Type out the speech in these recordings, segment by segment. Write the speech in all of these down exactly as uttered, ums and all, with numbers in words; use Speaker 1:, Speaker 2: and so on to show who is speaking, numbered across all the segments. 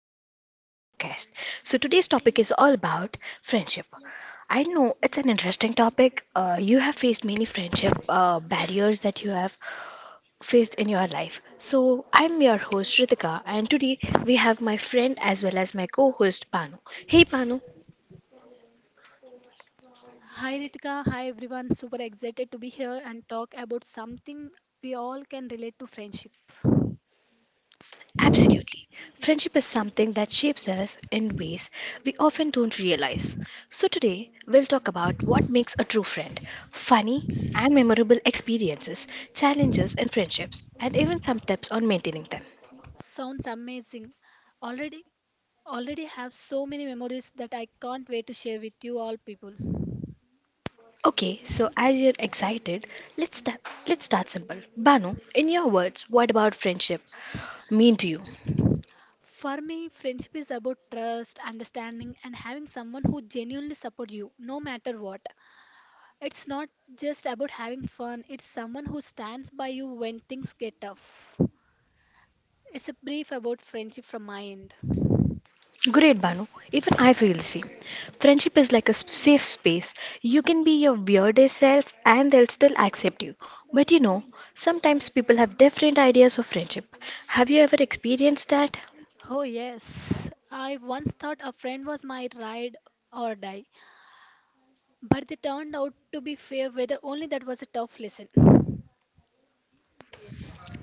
Speaker 1: episode of our podcast. So, today's topic is all about friendship. I know it's an interesting topic. Uh, you have faced many friendship uh, barriers that you have faced in your life. So, I'm your host, Ritika, and today we have my friend as well as my co host, Panu. Hey, Panu.
Speaker 2: Hi Ritika, hi everyone. Super excited to be here and talk about something we all can relate to friendship.
Speaker 1: Absolutely. Friendship is something that shapes us in ways we often don't realize. So, today we'll talk about what makes a true friend, funny and memorable experiences, challenges in friendships, and even some tips on maintaining them.
Speaker 2: Sounds amazing. Already already have so many memories that I can't wait to share with you all people.
Speaker 1: Okay, so as you're excited, let's start, let's start simple. Banu, in your words, what about friendship mean to you?
Speaker 2: For me, friendship is about trust, understanding and having someone who genuinely supports you no matter what. It's not just about having fun, it's someone who stands by you when things get tough. It's a brief about friendship from my end.
Speaker 1: Great, Banu. Even I feel the same. Friendship is like a s- safe space. You can be your weirdest self and they'll still accept you. But you know, sometimes people have different ideas of friendship. Have you ever experienced that?
Speaker 2: Oh, yes. I once thought a friend was my ride or die, but they turned out to be fair weather only. That was a tough lesson.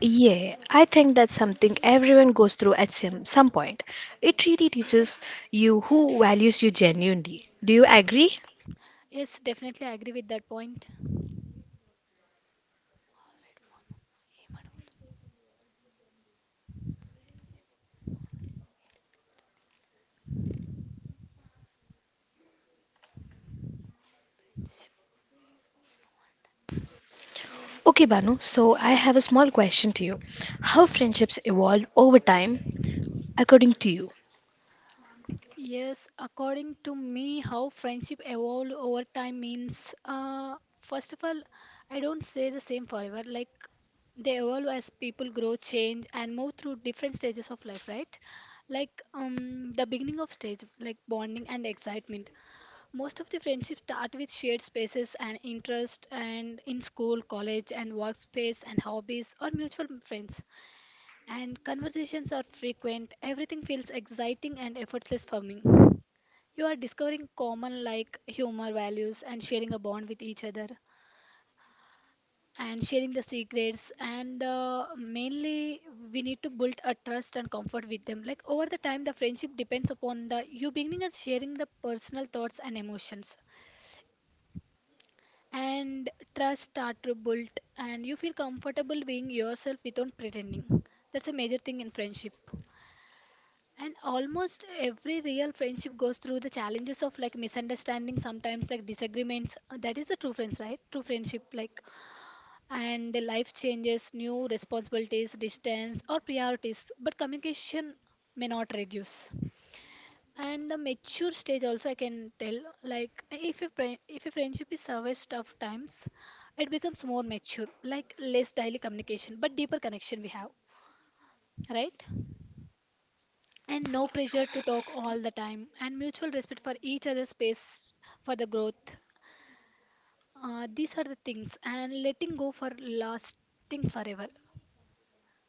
Speaker 1: Yeah, I think that's something everyone goes through at some, some point. It really teaches you who values you genuinely. Do you agree?
Speaker 2: Yes, definitely I agree with that point.
Speaker 1: Okay, Banu, so I have a small question to you. How friendships evolve over time according to you?
Speaker 2: Yes, according to me, how friendship evolved over time means, uh, first of all, I don't say the same forever. Like, they evolve as people grow, change, and move through different stages of life, right? Like, um, the beginning of stage, like bonding and excitement. Most of the friendships start with shared spaces and interest, and in school, college and workspace and hobbies or mutual friends. And conversations are frequent. Everything feels exciting and effortless for me. You are discovering common like humor values and sharing a bond with each other and sharing the secrets and uh, mainly we need to build a trust and comfort with them, like over the time the friendship depends upon the you beginning and sharing the personal thoughts and emotions, and trust are to built and you feel comfortable being yourself without pretending. That's a major thing in friendship, and almost every real friendship goes through the challenges of like misunderstanding sometimes, like disagreements. Uh, that is the true friends, right? True friendship, like, and the life changes, new responsibilities, distance or priorities, but communication may not reduce. And the mature stage also I can tell, like if a fri- if a friendship is survives tough times, it becomes more mature, like less daily communication but deeper connection we have, right? And no pressure to talk all the time and mutual respect for each other's space for the growth. Uh, these are the things, and letting go for lasting forever.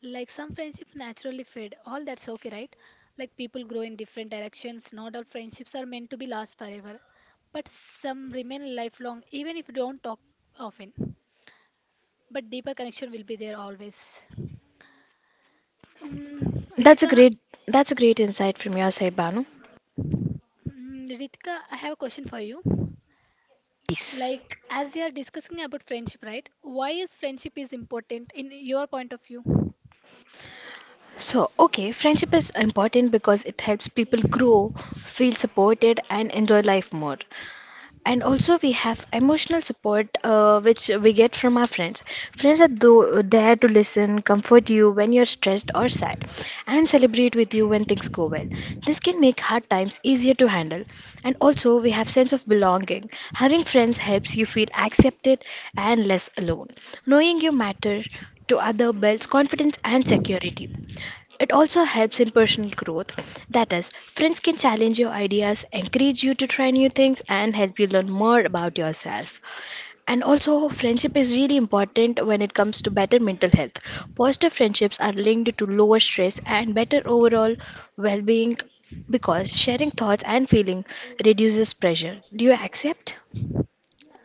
Speaker 2: Like some friendships naturally fade, all that's okay, right? Like people grow in different directions, not all friendships are meant to be last forever. But some remain lifelong, even if you don't talk often. But deeper connection will be there always. Um,
Speaker 1: That's a
Speaker 2: Ritika,
Speaker 1: great that's a great insight from your side, Banu.
Speaker 2: mm, Ritika, I have a question for you.
Speaker 1: Peace.
Speaker 2: Like as we are discussing about friendship, right? Why is friendship is important in your point of view?
Speaker 1: So, okay, friendship is important because it helps people grow, feel supported, and enjoy life more. And also, we have emotional support, uh, which we get from our friends. Friends are tho- there to listen, comfort you when you're stressed or sad, and celebrate with you when things go well. This can make hard times easier to handle. And also, we have sense of belonging. Having friends helps you feel accepted and less alone. Knowing you matter to other builds confidence and security. It also helps in personal growth. That is, friends can challenge your ideas, encourage you to try new things, and help you learn more about yourself. And also, friendship is really important when it comes to better mental health. Positive friendships are linked to lower stress and better overall well being because sharing thoughts and feeling reduces pressure. Do you accept?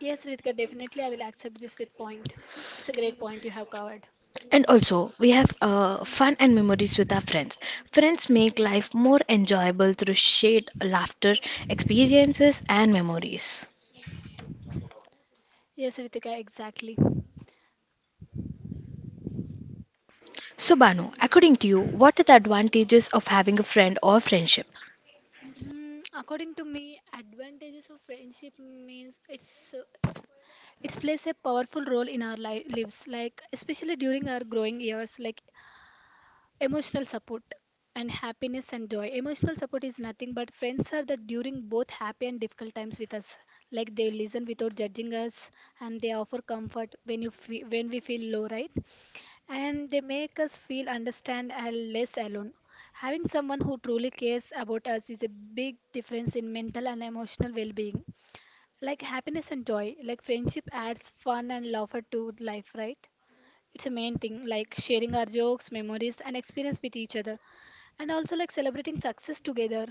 Speaker 2: Yes, Ritika, definitely I will accept this with point. It's a great point you have covered.
Speaker 1: And also, we have uh, fun and memories with our friends. Friends make life more enjoyable through shared laughter, experiences, and memories.
Speaker 2: Yes, Ritika, exactly.
Speaker 1: So, Banu, according to you, what are the advantages of having a friend or friendship?
Speaker 2: Mm, according to me, advantages of friendship means it's uh, it's it plays a powerful role in our li lives, like especially during our growing years, like emotional support and happiness and joy. Emotional support is nothing but friends are that during both happy and difficult times with us. Like they listen without judging us, and they offer comfort when you fe when we feel low, right? And they make us feel understand and less alone. Having someone who truly cares about us is a big difference in mental and emotional well-being. Like happiness and joy, like friendship adds fun and laughter to life, right? It's a main thing, like sharing our jokes, memories, and experience with each other, and also like celebrating success together,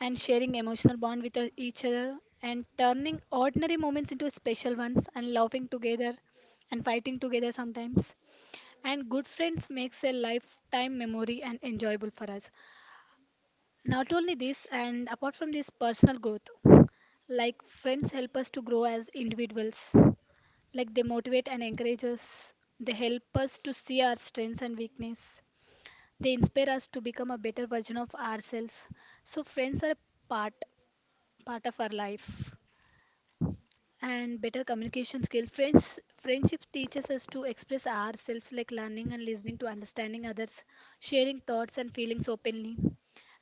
Speaker 2: and sharing emotional bond with uh, each other, and turning ordinary moments into special ones, and laughing together, and fighting together sometimes, and good friends makes a lifetime memory and enjoyable for us. Not only this, and apart from this personal growth, like friends help us to grow as individuals, like they motivate and encourage us, they help us to see our strengths and weakness, they inspire us to become a better version of ourselves. So friends are a part part of our life. And better communication skill, friends friendship teaches us to express ourselves, like learning and listening to understanding others, sharing thoughts and feelings openly,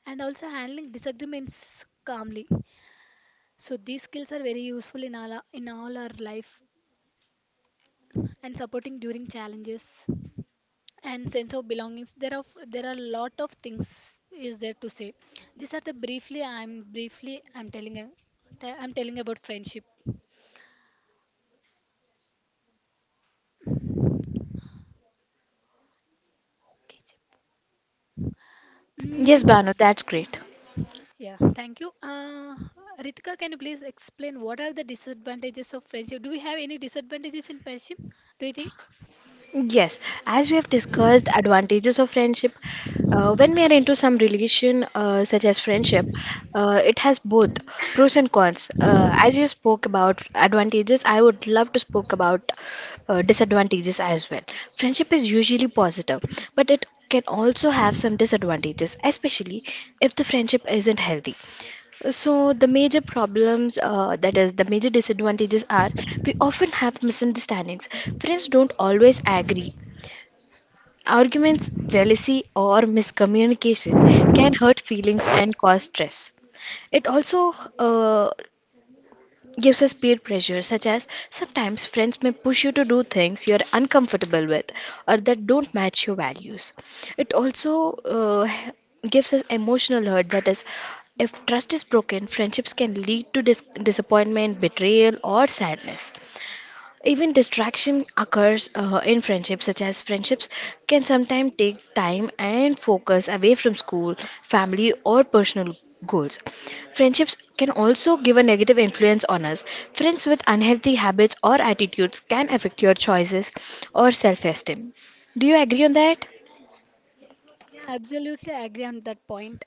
Speaker 2: and also handling disagreements calmly. So these skills are very useful in all our, in all our life, and supporting during challenges and sense of belongings. There are there are a lot of things is there to say. These are the briefly i'm briefly I'm telling a- I'm telling about friendship. Okay, Chip.
Speaker 1: Yes,
Speaker 2: Mm,
Speaker 1: Banu, that's great.
Speaker 2: yeah, thank you. Uh, Ritika, can you please explain what are the disadvantages of friendship? Do we have any disadvantages in friendship? Do you think?
Speaker 1: Yes, as we have discussed advantages of friendship, uh, when we are into some relation uh, such as friendship, uh, it has both pros and cons. Uh, as you spoke about advantages, I would love to spoke about uh, disadvantages as well. Friendship is usually positive, but it can also have some disadvantages, especially if the friendship isn't healthy. So the major problems, uh, that is, the major disadvantages are we often have misunderstandings. Friends don't always agree. Arguments, jealousy, or miscommunication can hurt feelings and cause stress. It also uh, gives us peer pressure, such as sometimes friends may push you to do things you're uncomfortable with or that don't match your values. It also uh, h- gives us emotional hurt, that is, if trust is broken, friendships can lead to dis- disappointment, betrayal, or sadness. Even distraction occurs uh, in friendships, such as friendships can sometimes take time and focus away from school, family, or personal goals. Friendships can also give a negative influence on us. Friends with unhealthy habits or attitudes can affect your choices or self esteem. Do you agree on that?
Speaker 2: Absolutely agree on that point.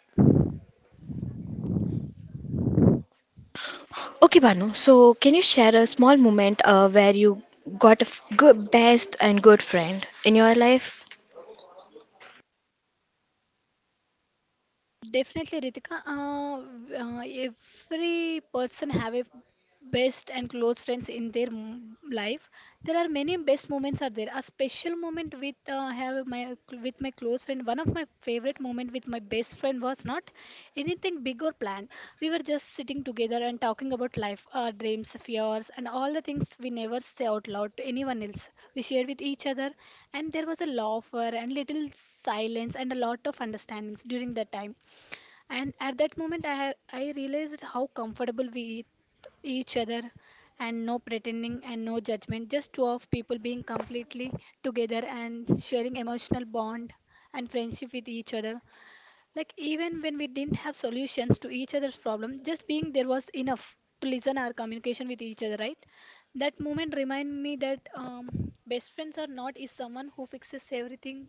Speaker 1: Okay, Banu, so can you share a small moment uh, where you got a f- good, best, and good friend in your life?
Speaker 2: Definitely, Ritika. Uh, uh, every person have a best and close friends in their m- life. There are many best moments are there. A special moment with uh, have my with my close friend. One of my favorite moment with my best friend was not anything big or planned. We were just sitting together and talking about life, our dreams, fears, and all the things we never say out loud to anyone else. We shared with each other, and there was a laughter and little silence and a lot of understandings during that time. And at that moment, I, ha- I realized how comfortable we each other, and no pretending and no judgment, just two of people being completely together and sharing emotional bond and friendship with each other. Like even when we didn't have solutions to each other's problem, just being there was enough to listen our communication with each other, right? That moment remind me that, um, best friends are not is someone who fixes everything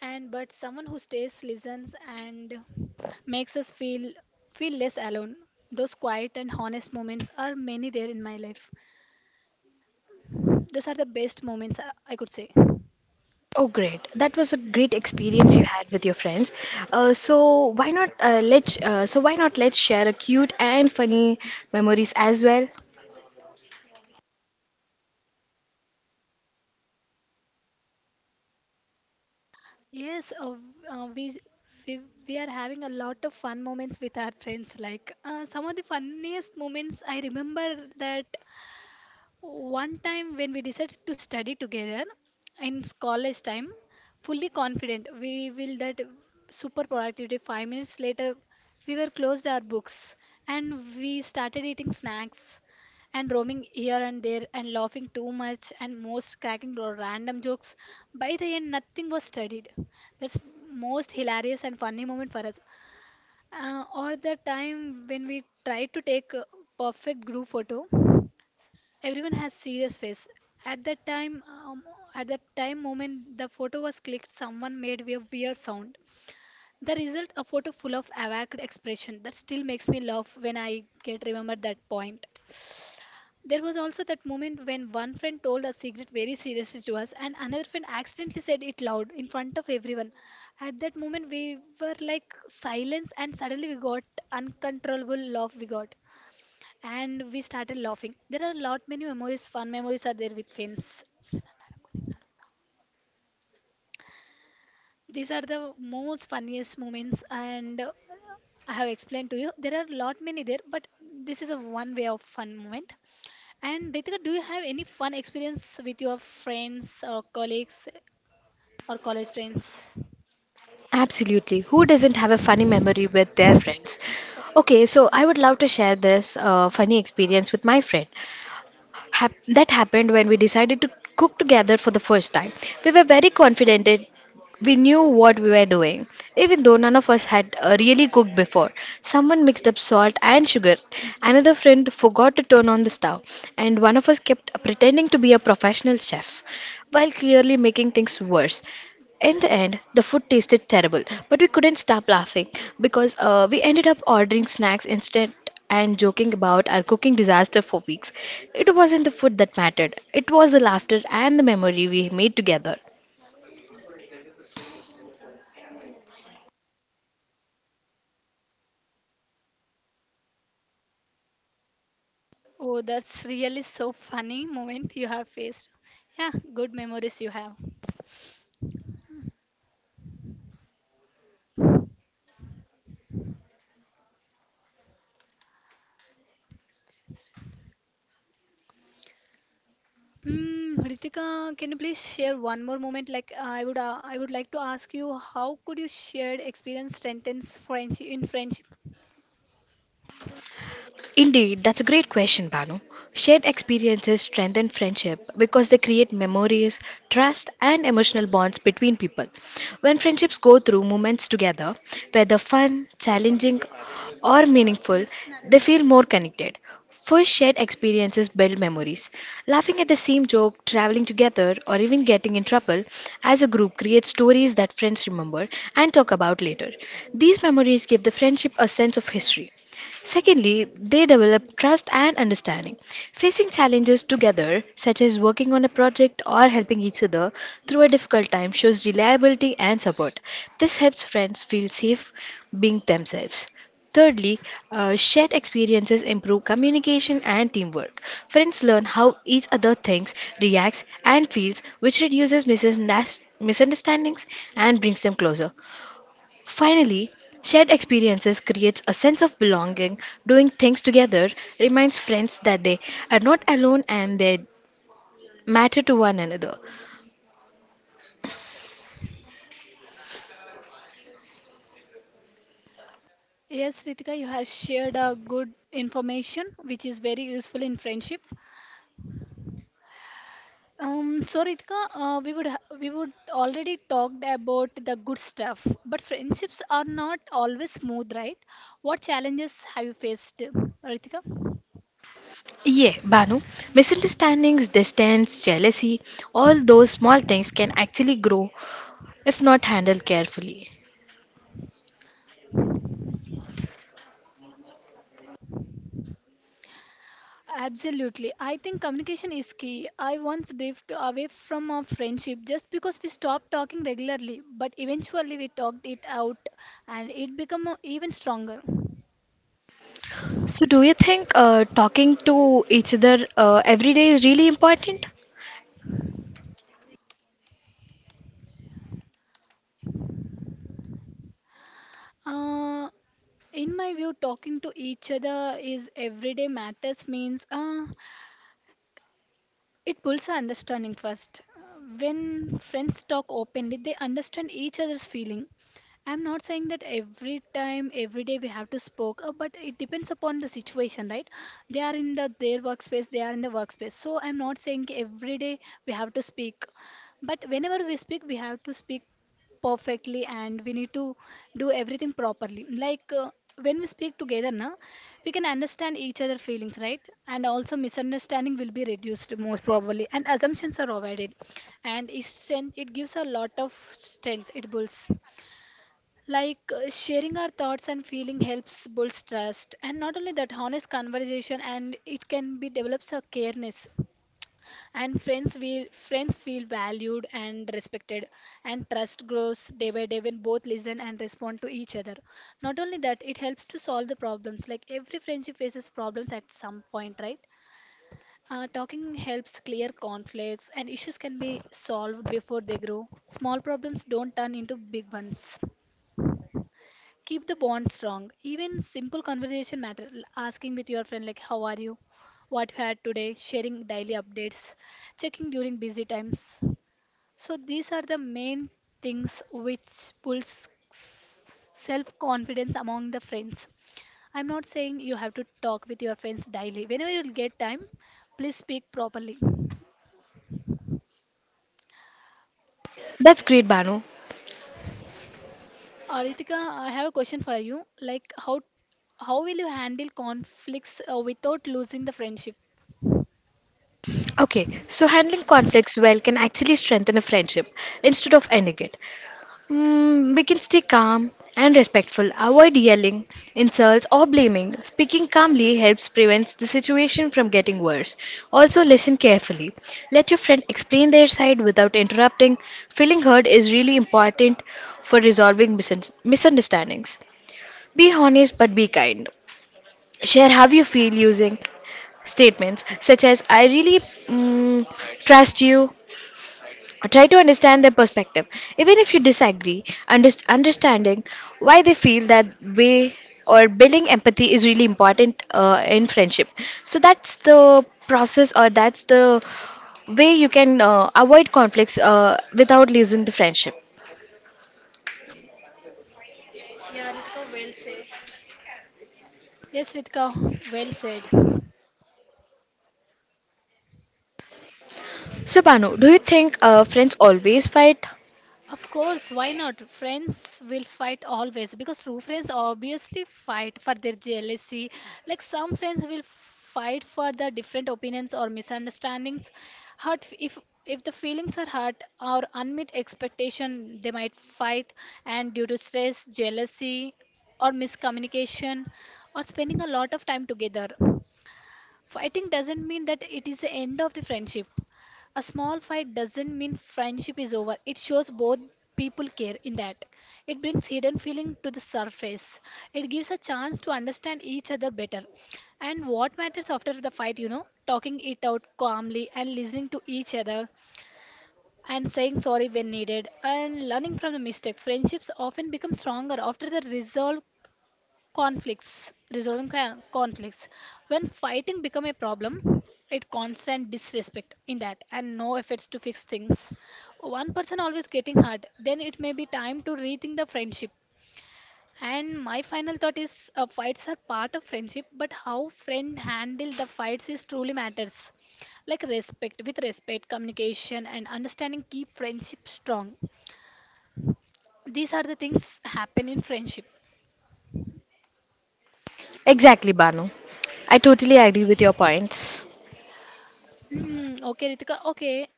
Speaker 2: and but someone who stays listens and makes us feel feel less alone. Those quiet and honest moments are many there in my life. Those are the best moments I I could say.
Speaker 1: Oh, great. That was a great experience you had with your friends. Uh, so why not uh, let's uh, so why not let's share a cute and funny memories as well?
Speaker 2: Yes uh, uh, we we we are having a lot of fun moments with our friends, like uh, some of the funniest moments I remember that. One time when we decided to study together in college time, fully confident we will that super productivity. Five minutes later, we were closed our books and we started eating snacks and roaming here and there and laughing too much and most cracking ro- random jokes. By the end, nothing was studied. That's most hilarious and funny moment for us. Uh, or the time when we tried to take a perfect group photo. Everyone has serious face. At that time, um, at that time moment, the photo was clicked. Someone made a weird sound. The result, a photo full of awkward expression that still makes me laugh when I get remembered that point. There was also that moment when one friend told a secret very seriously to us, and another friend accidentally said it loud in front of everyone. At that moment, we were like silence, and suddenly we got uncontrollable laugh. We got and we started laughing. There are a lot many memories, fun memories are there with friends. These are the most funniest moments, and uh, I have explained to you. There are a lot many there, but this is a one way of fun moment. And Ritika, do you have any fun experience with your friends or colleagues or college friends?
Speaker 1: Absolutely. Who doesn't have a funny memory with their friends? Okay, so I would love to share this uh, funny experience with my friend. Hap- that happened when we decided to cook together for the first time. We were very confident that we knew what we were doing, even though none of us had uh, really cooked before. Someone mixed up salt and sugar, another friend forgot to turn on the stove, and one of us kept pretending to be a professional chef while clearly making things worse. In the end, the food tasted terrible, but we couldn't stop laughing because uh, we ended up ordering snacks instead and joking about our cooking disaster for weeks. It wasn't the food that mattered, it was the laughter and the memory we made together.
Speaker 2: Oh, that's really so funny moment you have faced. Yeah, good memories you have. Hmm, Ritika, can you please share one more moment? Like uh, I would, uh, I would like to ask you, how could you shared experience strengthens friendship in friendship?
Speaker 1: Indeed, that's a great question, Banu. Shared experiences strengthen friendship because they create memories, trust, and emotional bonds between people. When friendships go through moments together, whether fun, challenging, or meaningful, they feel more connected. First, shared experiences build memories. Laughing at the same joke, traveling together, or even getting in trouble as a group creates stories that friends remember and talk about later. These memories give the friendship a sense of history. Secondly, they develop trust and understanding. Facing challenges together, such as working on a project or helping each other through a difficult time, shows reliability and support. This helps friends feel safe being themselves. Thirdly, uh, shared experiences improve communication and teamwork. Friends learn how each other thinks, reacts, and feels, which reduces misundas- misunderstandings and brings them closer. Finally, shared experiences creates a sense of belonging. Doing things together reminds friends that they are not alone and they matter to one another.
Speaker 2: Yes, Ritika, you have shared a good information which is very useful in friendship. Um, so Ritika, uh, we would ha- we would already talked about the good stuff, but friendships are not always smooth, right? What challenges have you faced, Ritika?
Speaker 1: Yeah, Banu, misunderstandings, distance, jealousy, all those small things can actually grow if not handled carefully.
Speaker 2: Absolutely. I think communication is key. I once drifted away from our friendship just because we stopped talking regularly, but eventually we talked it out and it became uh, even stronger.
Speaker 1: So, do you think uh, talking to each other uh, every day is really important?
Speaker 2: Uh, in my view, talking to each other is everyday matters means, uh, it builds our understanding first. Uh, When friends talk openly, they understand each other's feeling. I'm not saying that every time, every day we have to spoke, uh, but it depends upon the situation, right? They are in the their workspace, they are in the workspace. So I'm not saying every day we have to speak, but whenever we speak, we have to speak perfectly and we need to do everything properly. Like uh, when we speak together, na, we can understand each other feelings, right? And also misunderstanding will be reduced, most probably, and assumptions are avoided. And it strength it gives a lot of strength. It builds, like uh, sharing our thoughts and feeling helps builds trust. And not only that, honest conversation and it can be develops a careness. And friends feel friends feel valued and respected, and trust grows day by day when both listen and respond to each other. Not only that, it helps to solve the problems, like every friendship faces problems at some point, right? Uh, talking helps clear conflicts and issues can be solved before they grow. Small problems don't turn into big ones. Keep the bond strong. Even simple conversation matter, l- asking with your friend like how are you, what you had today, sharing daily updates, checking during busy times. So these are the main things which pulls self confidence among the friends. I'm not saying you have to talk with your friends daily. Whenever you will get time, please speak properly.
Speaker 1: That's great, Banu.
Speaker 2: Aritika, I have a question for you. Like how how will you handle conflicts uh, without losing the friendship?
Speaker 1: Okay, so handling conflicts well can actually strengthen a friendship instead of ending it. Mm, we can stay calm and respectful, avoid yelling, insults, or blaming. Speaking calmly helps prevent the situation from getting worse. Also, listen carefully. Let your friend explain their side without interrupting. Feeling heard is really important for resolving misun- misunderstandings. Be honest but be kind. Share how you feel using statements such as I really mm, trust you. Try to understand their perspective. Even if you disagree, underst- understanding why they feel that way or building empathy is really important uh, in friendship. So that's the process, or that's the way you can uh, avoid conflicts uh, without losing the friendship.
Speaker 2: Yes, Ritika, well said.
Speaker 1: So, Banu, do you think uh, friends always fight?
Speaker 2: Of course, why not? Friends will fight always because true friends obviously fight for their jealousy. Like some friends will fight for the different opinions or misunderstandings. Hurt if if the feelings are hurt or unmet expectation, they might fight. And due to stress, jealousy, or miscommunication, or spending a lot of time together. Fighting doesn't mean that it is the end of the friendship. A small fight doesn't mean friendship is over. It shows both people care in that. It brings hidden feeling to the surface. It gives a chance to understand each other better. And what matters after the fight, you know, talking it out calmly and listening to each other, and saying sorry when needed, and learning from the mistake. Friendships often become stronger after the resolve conflicts, resolving con- conflicts. When fighting become a problem, it constant disrespect in that and no efforts to fix things, one person always getting hurt, then it may be time to rethink the friendship. And my final thought is, uh, fights are part of friendship, but how friend handle the fights is truly matters. Like respect, with respect communication and understanding keep friendship strong. These are the things happen in friendship.
Speaker 1: Exactly, Banu. I totally agree with your points.
Speaker 2: Hmm, okay, Ritika. Okay,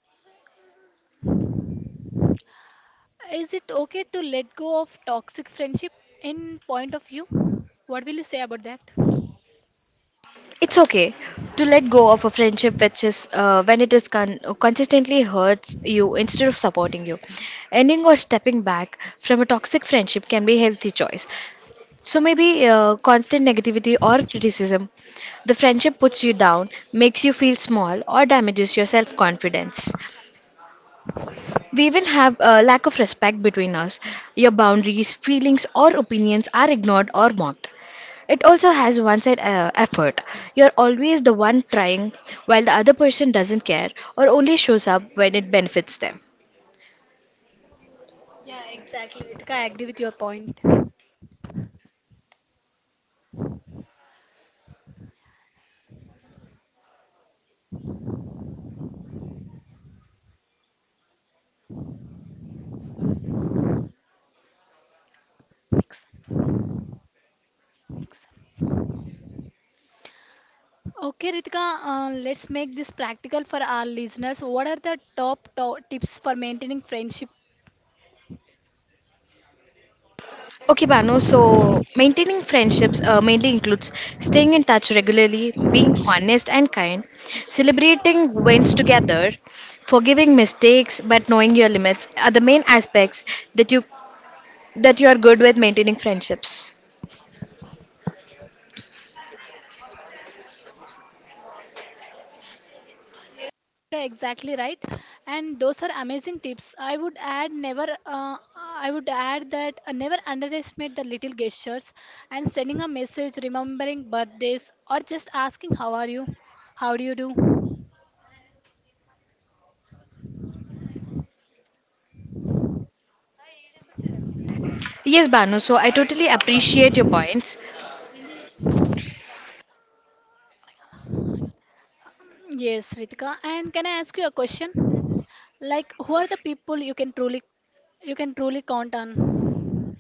Speaker 2: is it okay to let go of toxic friendship in point of view? What will you say about that?
Speaker 1: It's okay to let go of a friendship which is uh, when it is con- consistently hurts you instead of supporting you. Ending or stepping back from a toxic friendship can be a healthy choice. So maybe uh, constant negativity or criticism. The friendship puts you down,
Speaker 2: Podcast.
Speaker 1: makes you feel small, or damages your self confidence. We even have a lack of respect between us. Your boundaries, feelings, or opinions are ignored or mocked. It also has one side uh, effort. You're always the one trying while the other person doesn't care or only shows up when it benefits them.
Speaker 2: Exactly, Ritika. I agree with your point. Mix. Okay, Ritika, uh, let's make this practical for our listeners. What are the top, top tips for maintaining friendship?
Speaker 1: Okay, Banu, so maintaining friendships uh, mainly includes staying in touch regularly, being honest and kind, celebrating wins together, forgiving mistakes but knowing your limits are the main aspects that you that you are good with maintaining friendships.
Speaker 2: Yeah, exactly right. And those are amazing tips. I would add never. Uh, I would add that uh, never underestimate the little gestures, and sending a message, remembering birthdays, or just asking how are you, how do you do.
Speaker 1: Yes, Banu, so I totally appreciate your points.
Speaker 2: Yes, Ritika. And can I ask you a question? Like, who are the people you can truly, you can truly count on?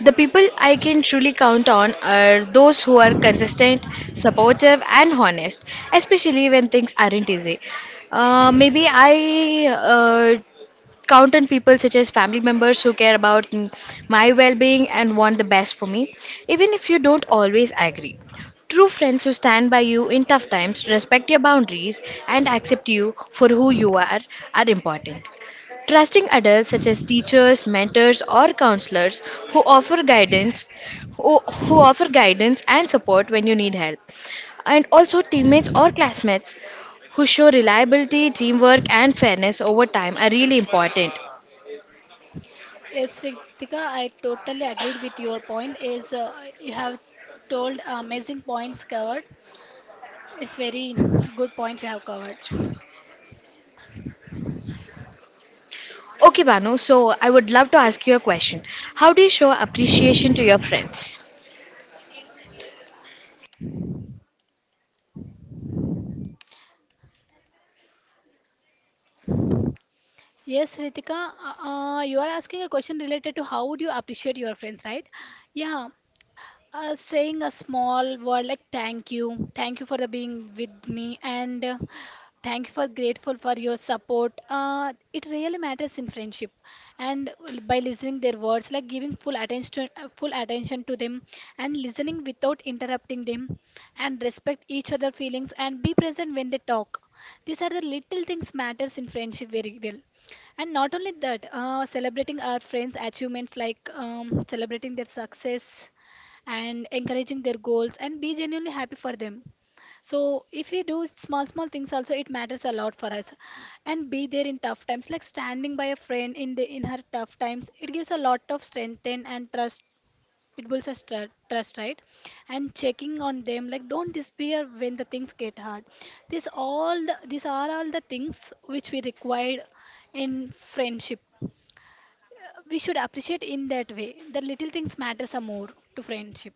Speaker 1: The people I can truly count on are those who are consistent, supportive, and honest, especially when things aren't easy. Uh, maybe I uh, Count on people such as family members who care about mm, my well being and want the best for me, even if you don't always agree. True friends who stand by you in tough times, respect your boundaries, and accept you for who you are are important. Trusting adults such as teachers, mentors, or counselors who offer guidance who, who offer guidance and support when you need help. And also teammates or classmates who show reliability, teamwork, and fairness over time are really important.
Speaker 2: Yes, Ritika, I totally agreed with your point. Is uh, you have told amazing points covered. It's very good point you have covered.
Speaker 1: Okay, Banu, so I would love to ask you a question. How do you show appreciation to your friends?
Speaker 2: Yes, Ritika, uh, uh, you are asking a question related to how would you appreciate your friends, right? Yeah. Uh, saying a small word like thank you, thank you for the being with me, and uh, thank you for grateful for your support. Uh, it really matters in friendship, and by listening their words, like giving full attention, uh, full attention to them, and listening without interrupting them, and respect each other feelings, and be present when they talk. These are the little things matters in friendship very well. And not only that, uh, celebrating our friends' achievements, like um, celebrating their success and encouraging their goals and be genuinely happy for them. So if we do small small things also, it matters a lot for us. And be there in tough times, like standing by a friend in the in her tough times. It gives a lot of strength and, and trust. It builds a stru- trust, right? And checking on them, like don't despair when the things get hard. this all the, these are all the things which we required in friendship. We should appreciate in that way. The little things matters a more to friendship.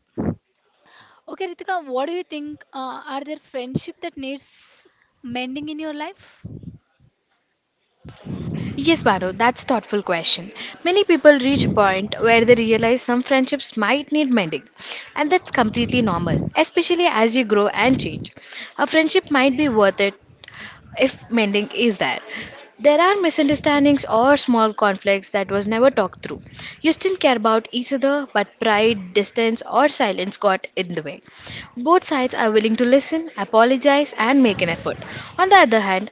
Speaker 2: Okay, Ritika, what do you think? Uh, are there friendship that needs mending in your life?
Speaker 1: Yes, Baru, that's thoughtful question. Many people reach a point where they realize some friendships might need mending, and that's completely normal, especially as you grow and change. A friendship might be worth it if mending is there. There are misunderstandings or small conflicts that was never talked through. You still care about each other, but pride, distance, or silence got in the way. Both sides are willing to listen, apologize, and make an effort. On the other hand,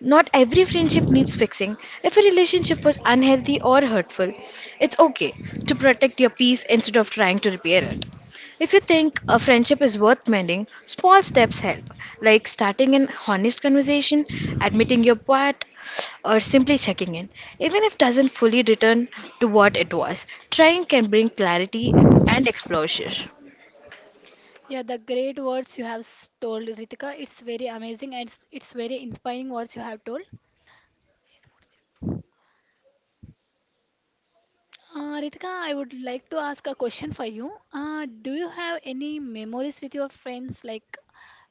Speaker 1: not every friendship needs fixing. If a relationship was unhealthy or hurtful, it's okay to protect your peace instead of trying to repair it. If you think a friendship is worth mending, small steps help, like starting an honest conversation, admitting your part, or simply checking in. Even if doesn't fully return to what it was, trying can bring clarity and exposure.
Speaker 2: Yeah, the great words you have s- told, Ritika. It's very amazing and it's, it's very inspiring words you have told. Uh, Ritika, I would like to ask a question for you. Uh, do you have any memories with your friends, like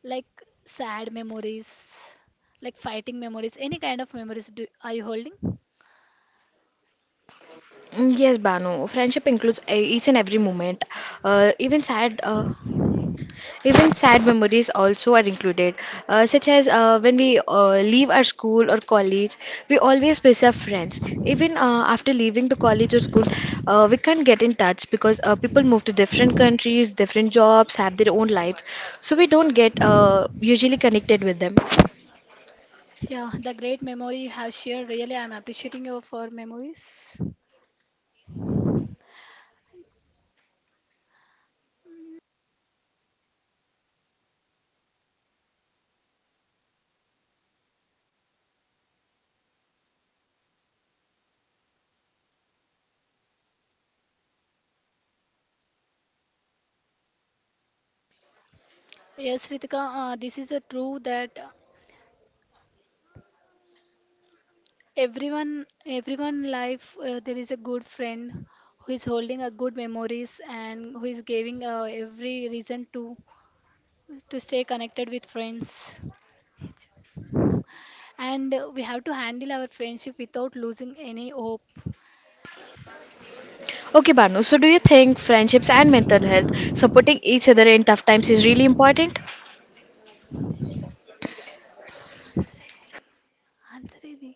Speaker 2: like sad memories, like fighting memories, any kind of memories do, are you holding?
Speaker 1: Mm, Yes, Banu. Friendship includes uh, each and every moment, uh, even sad. Uh, even sad memories also are included, uh, such as uh, when we uh, leave our school or college, we always miss our friends. Even uh, after leaving the college or school, uh, we can't get in touch because uh, people move to different countries, different jobs, have their own life. So we don't get uh, usually connected with them.
Speaker 2: Yeah, the great memory you have shared. Really, I'm appreciating you for memories. Yes, Ritika, uh, this is a true that uh, everyone, everyone life uh, there is a good friend who is holding a good memories and who is giving uh, every reason to to stay connected with friends. And uh, we have to handle our friendship without losing any hope.
Speaker 1: Okay, Banu, so do you think friendships and mental health, supporting each other in tough times, is really important?
Speaker 2: Answer Adi. Answer Adi.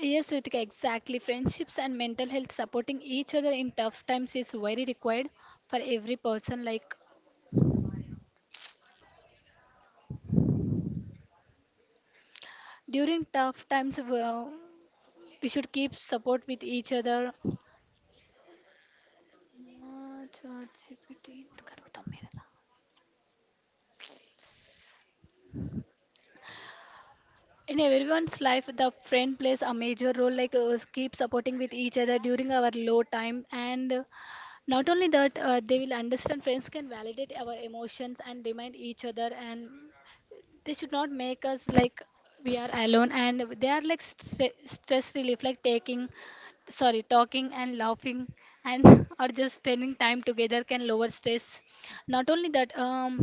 Speaker 2: Yes, Ritika, exactly. Friendships and mental health supporting each other in tough times is very required for every person. Like during tough times, uh, we should keep support with each other. Uh, ChatGPT. In everyone's life, the friend plays a major role. Like uh, keep supporting with each other during our low time, and uh, not only that, uh, they will understand. Friends can validate our emotions and remind each other, and they should not make us like we are alone. And they are like stre- stress relief, like taking sorry talking and laughing, and or just spending time together can lower stress. Not only that, um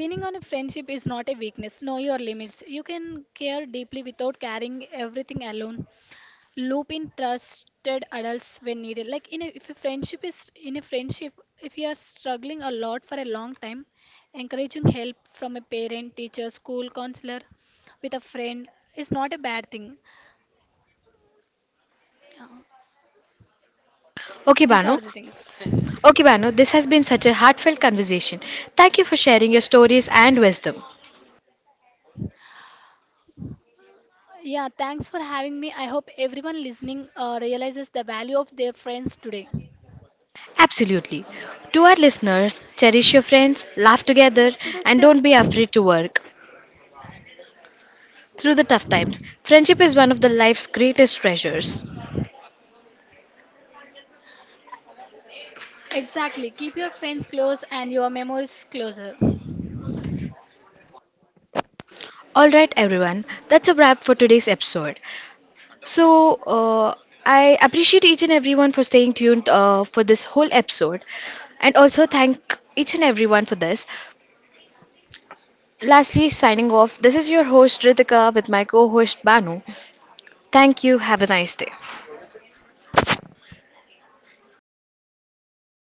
Speaker 2: leaning on a friendship is not a weakness. Know your limits. You can care deeply without carrying everything alone. Loop in trusted adults when needed, like in a, if a friendship is in a friendship, if you are struggling a lot for a long time, encouraging help from a parent, teacher, school counselor with a friend is not a bad thing. Yeah,
Speaker 1: Okay,
Speaker 2: these are
Speaker 1: Banu.
Speaker 2: the things.
Speaker 1: Okay, Banu, this has been such a heartfelt conversation. Thank you for sharing your stories and wisdom.
Speaker 2: Yeah, thanks for having me. I hope everyone listening uh, realizes the value of their friends today.
Speaker 1: Absolutely. To our listeners, cherish your friends, laugh together, and don't
Speaker 2: Sure.
Speaker 1: be afraid to work. Through the tough times, friendship is one of the life's greatest treasures.
Speaker 2: Exactly, keep your friends close and your memories closer.
Speaker 1: Alright, everyone, that's a wrap for today's episode. So, uh, I appreciate each and everyone for staying tuned uh, for this whole episode, and also thank each and everyone for this. Lastly, signing off, this is your host Ritika with my co host Banu. Thank you, have a nice day.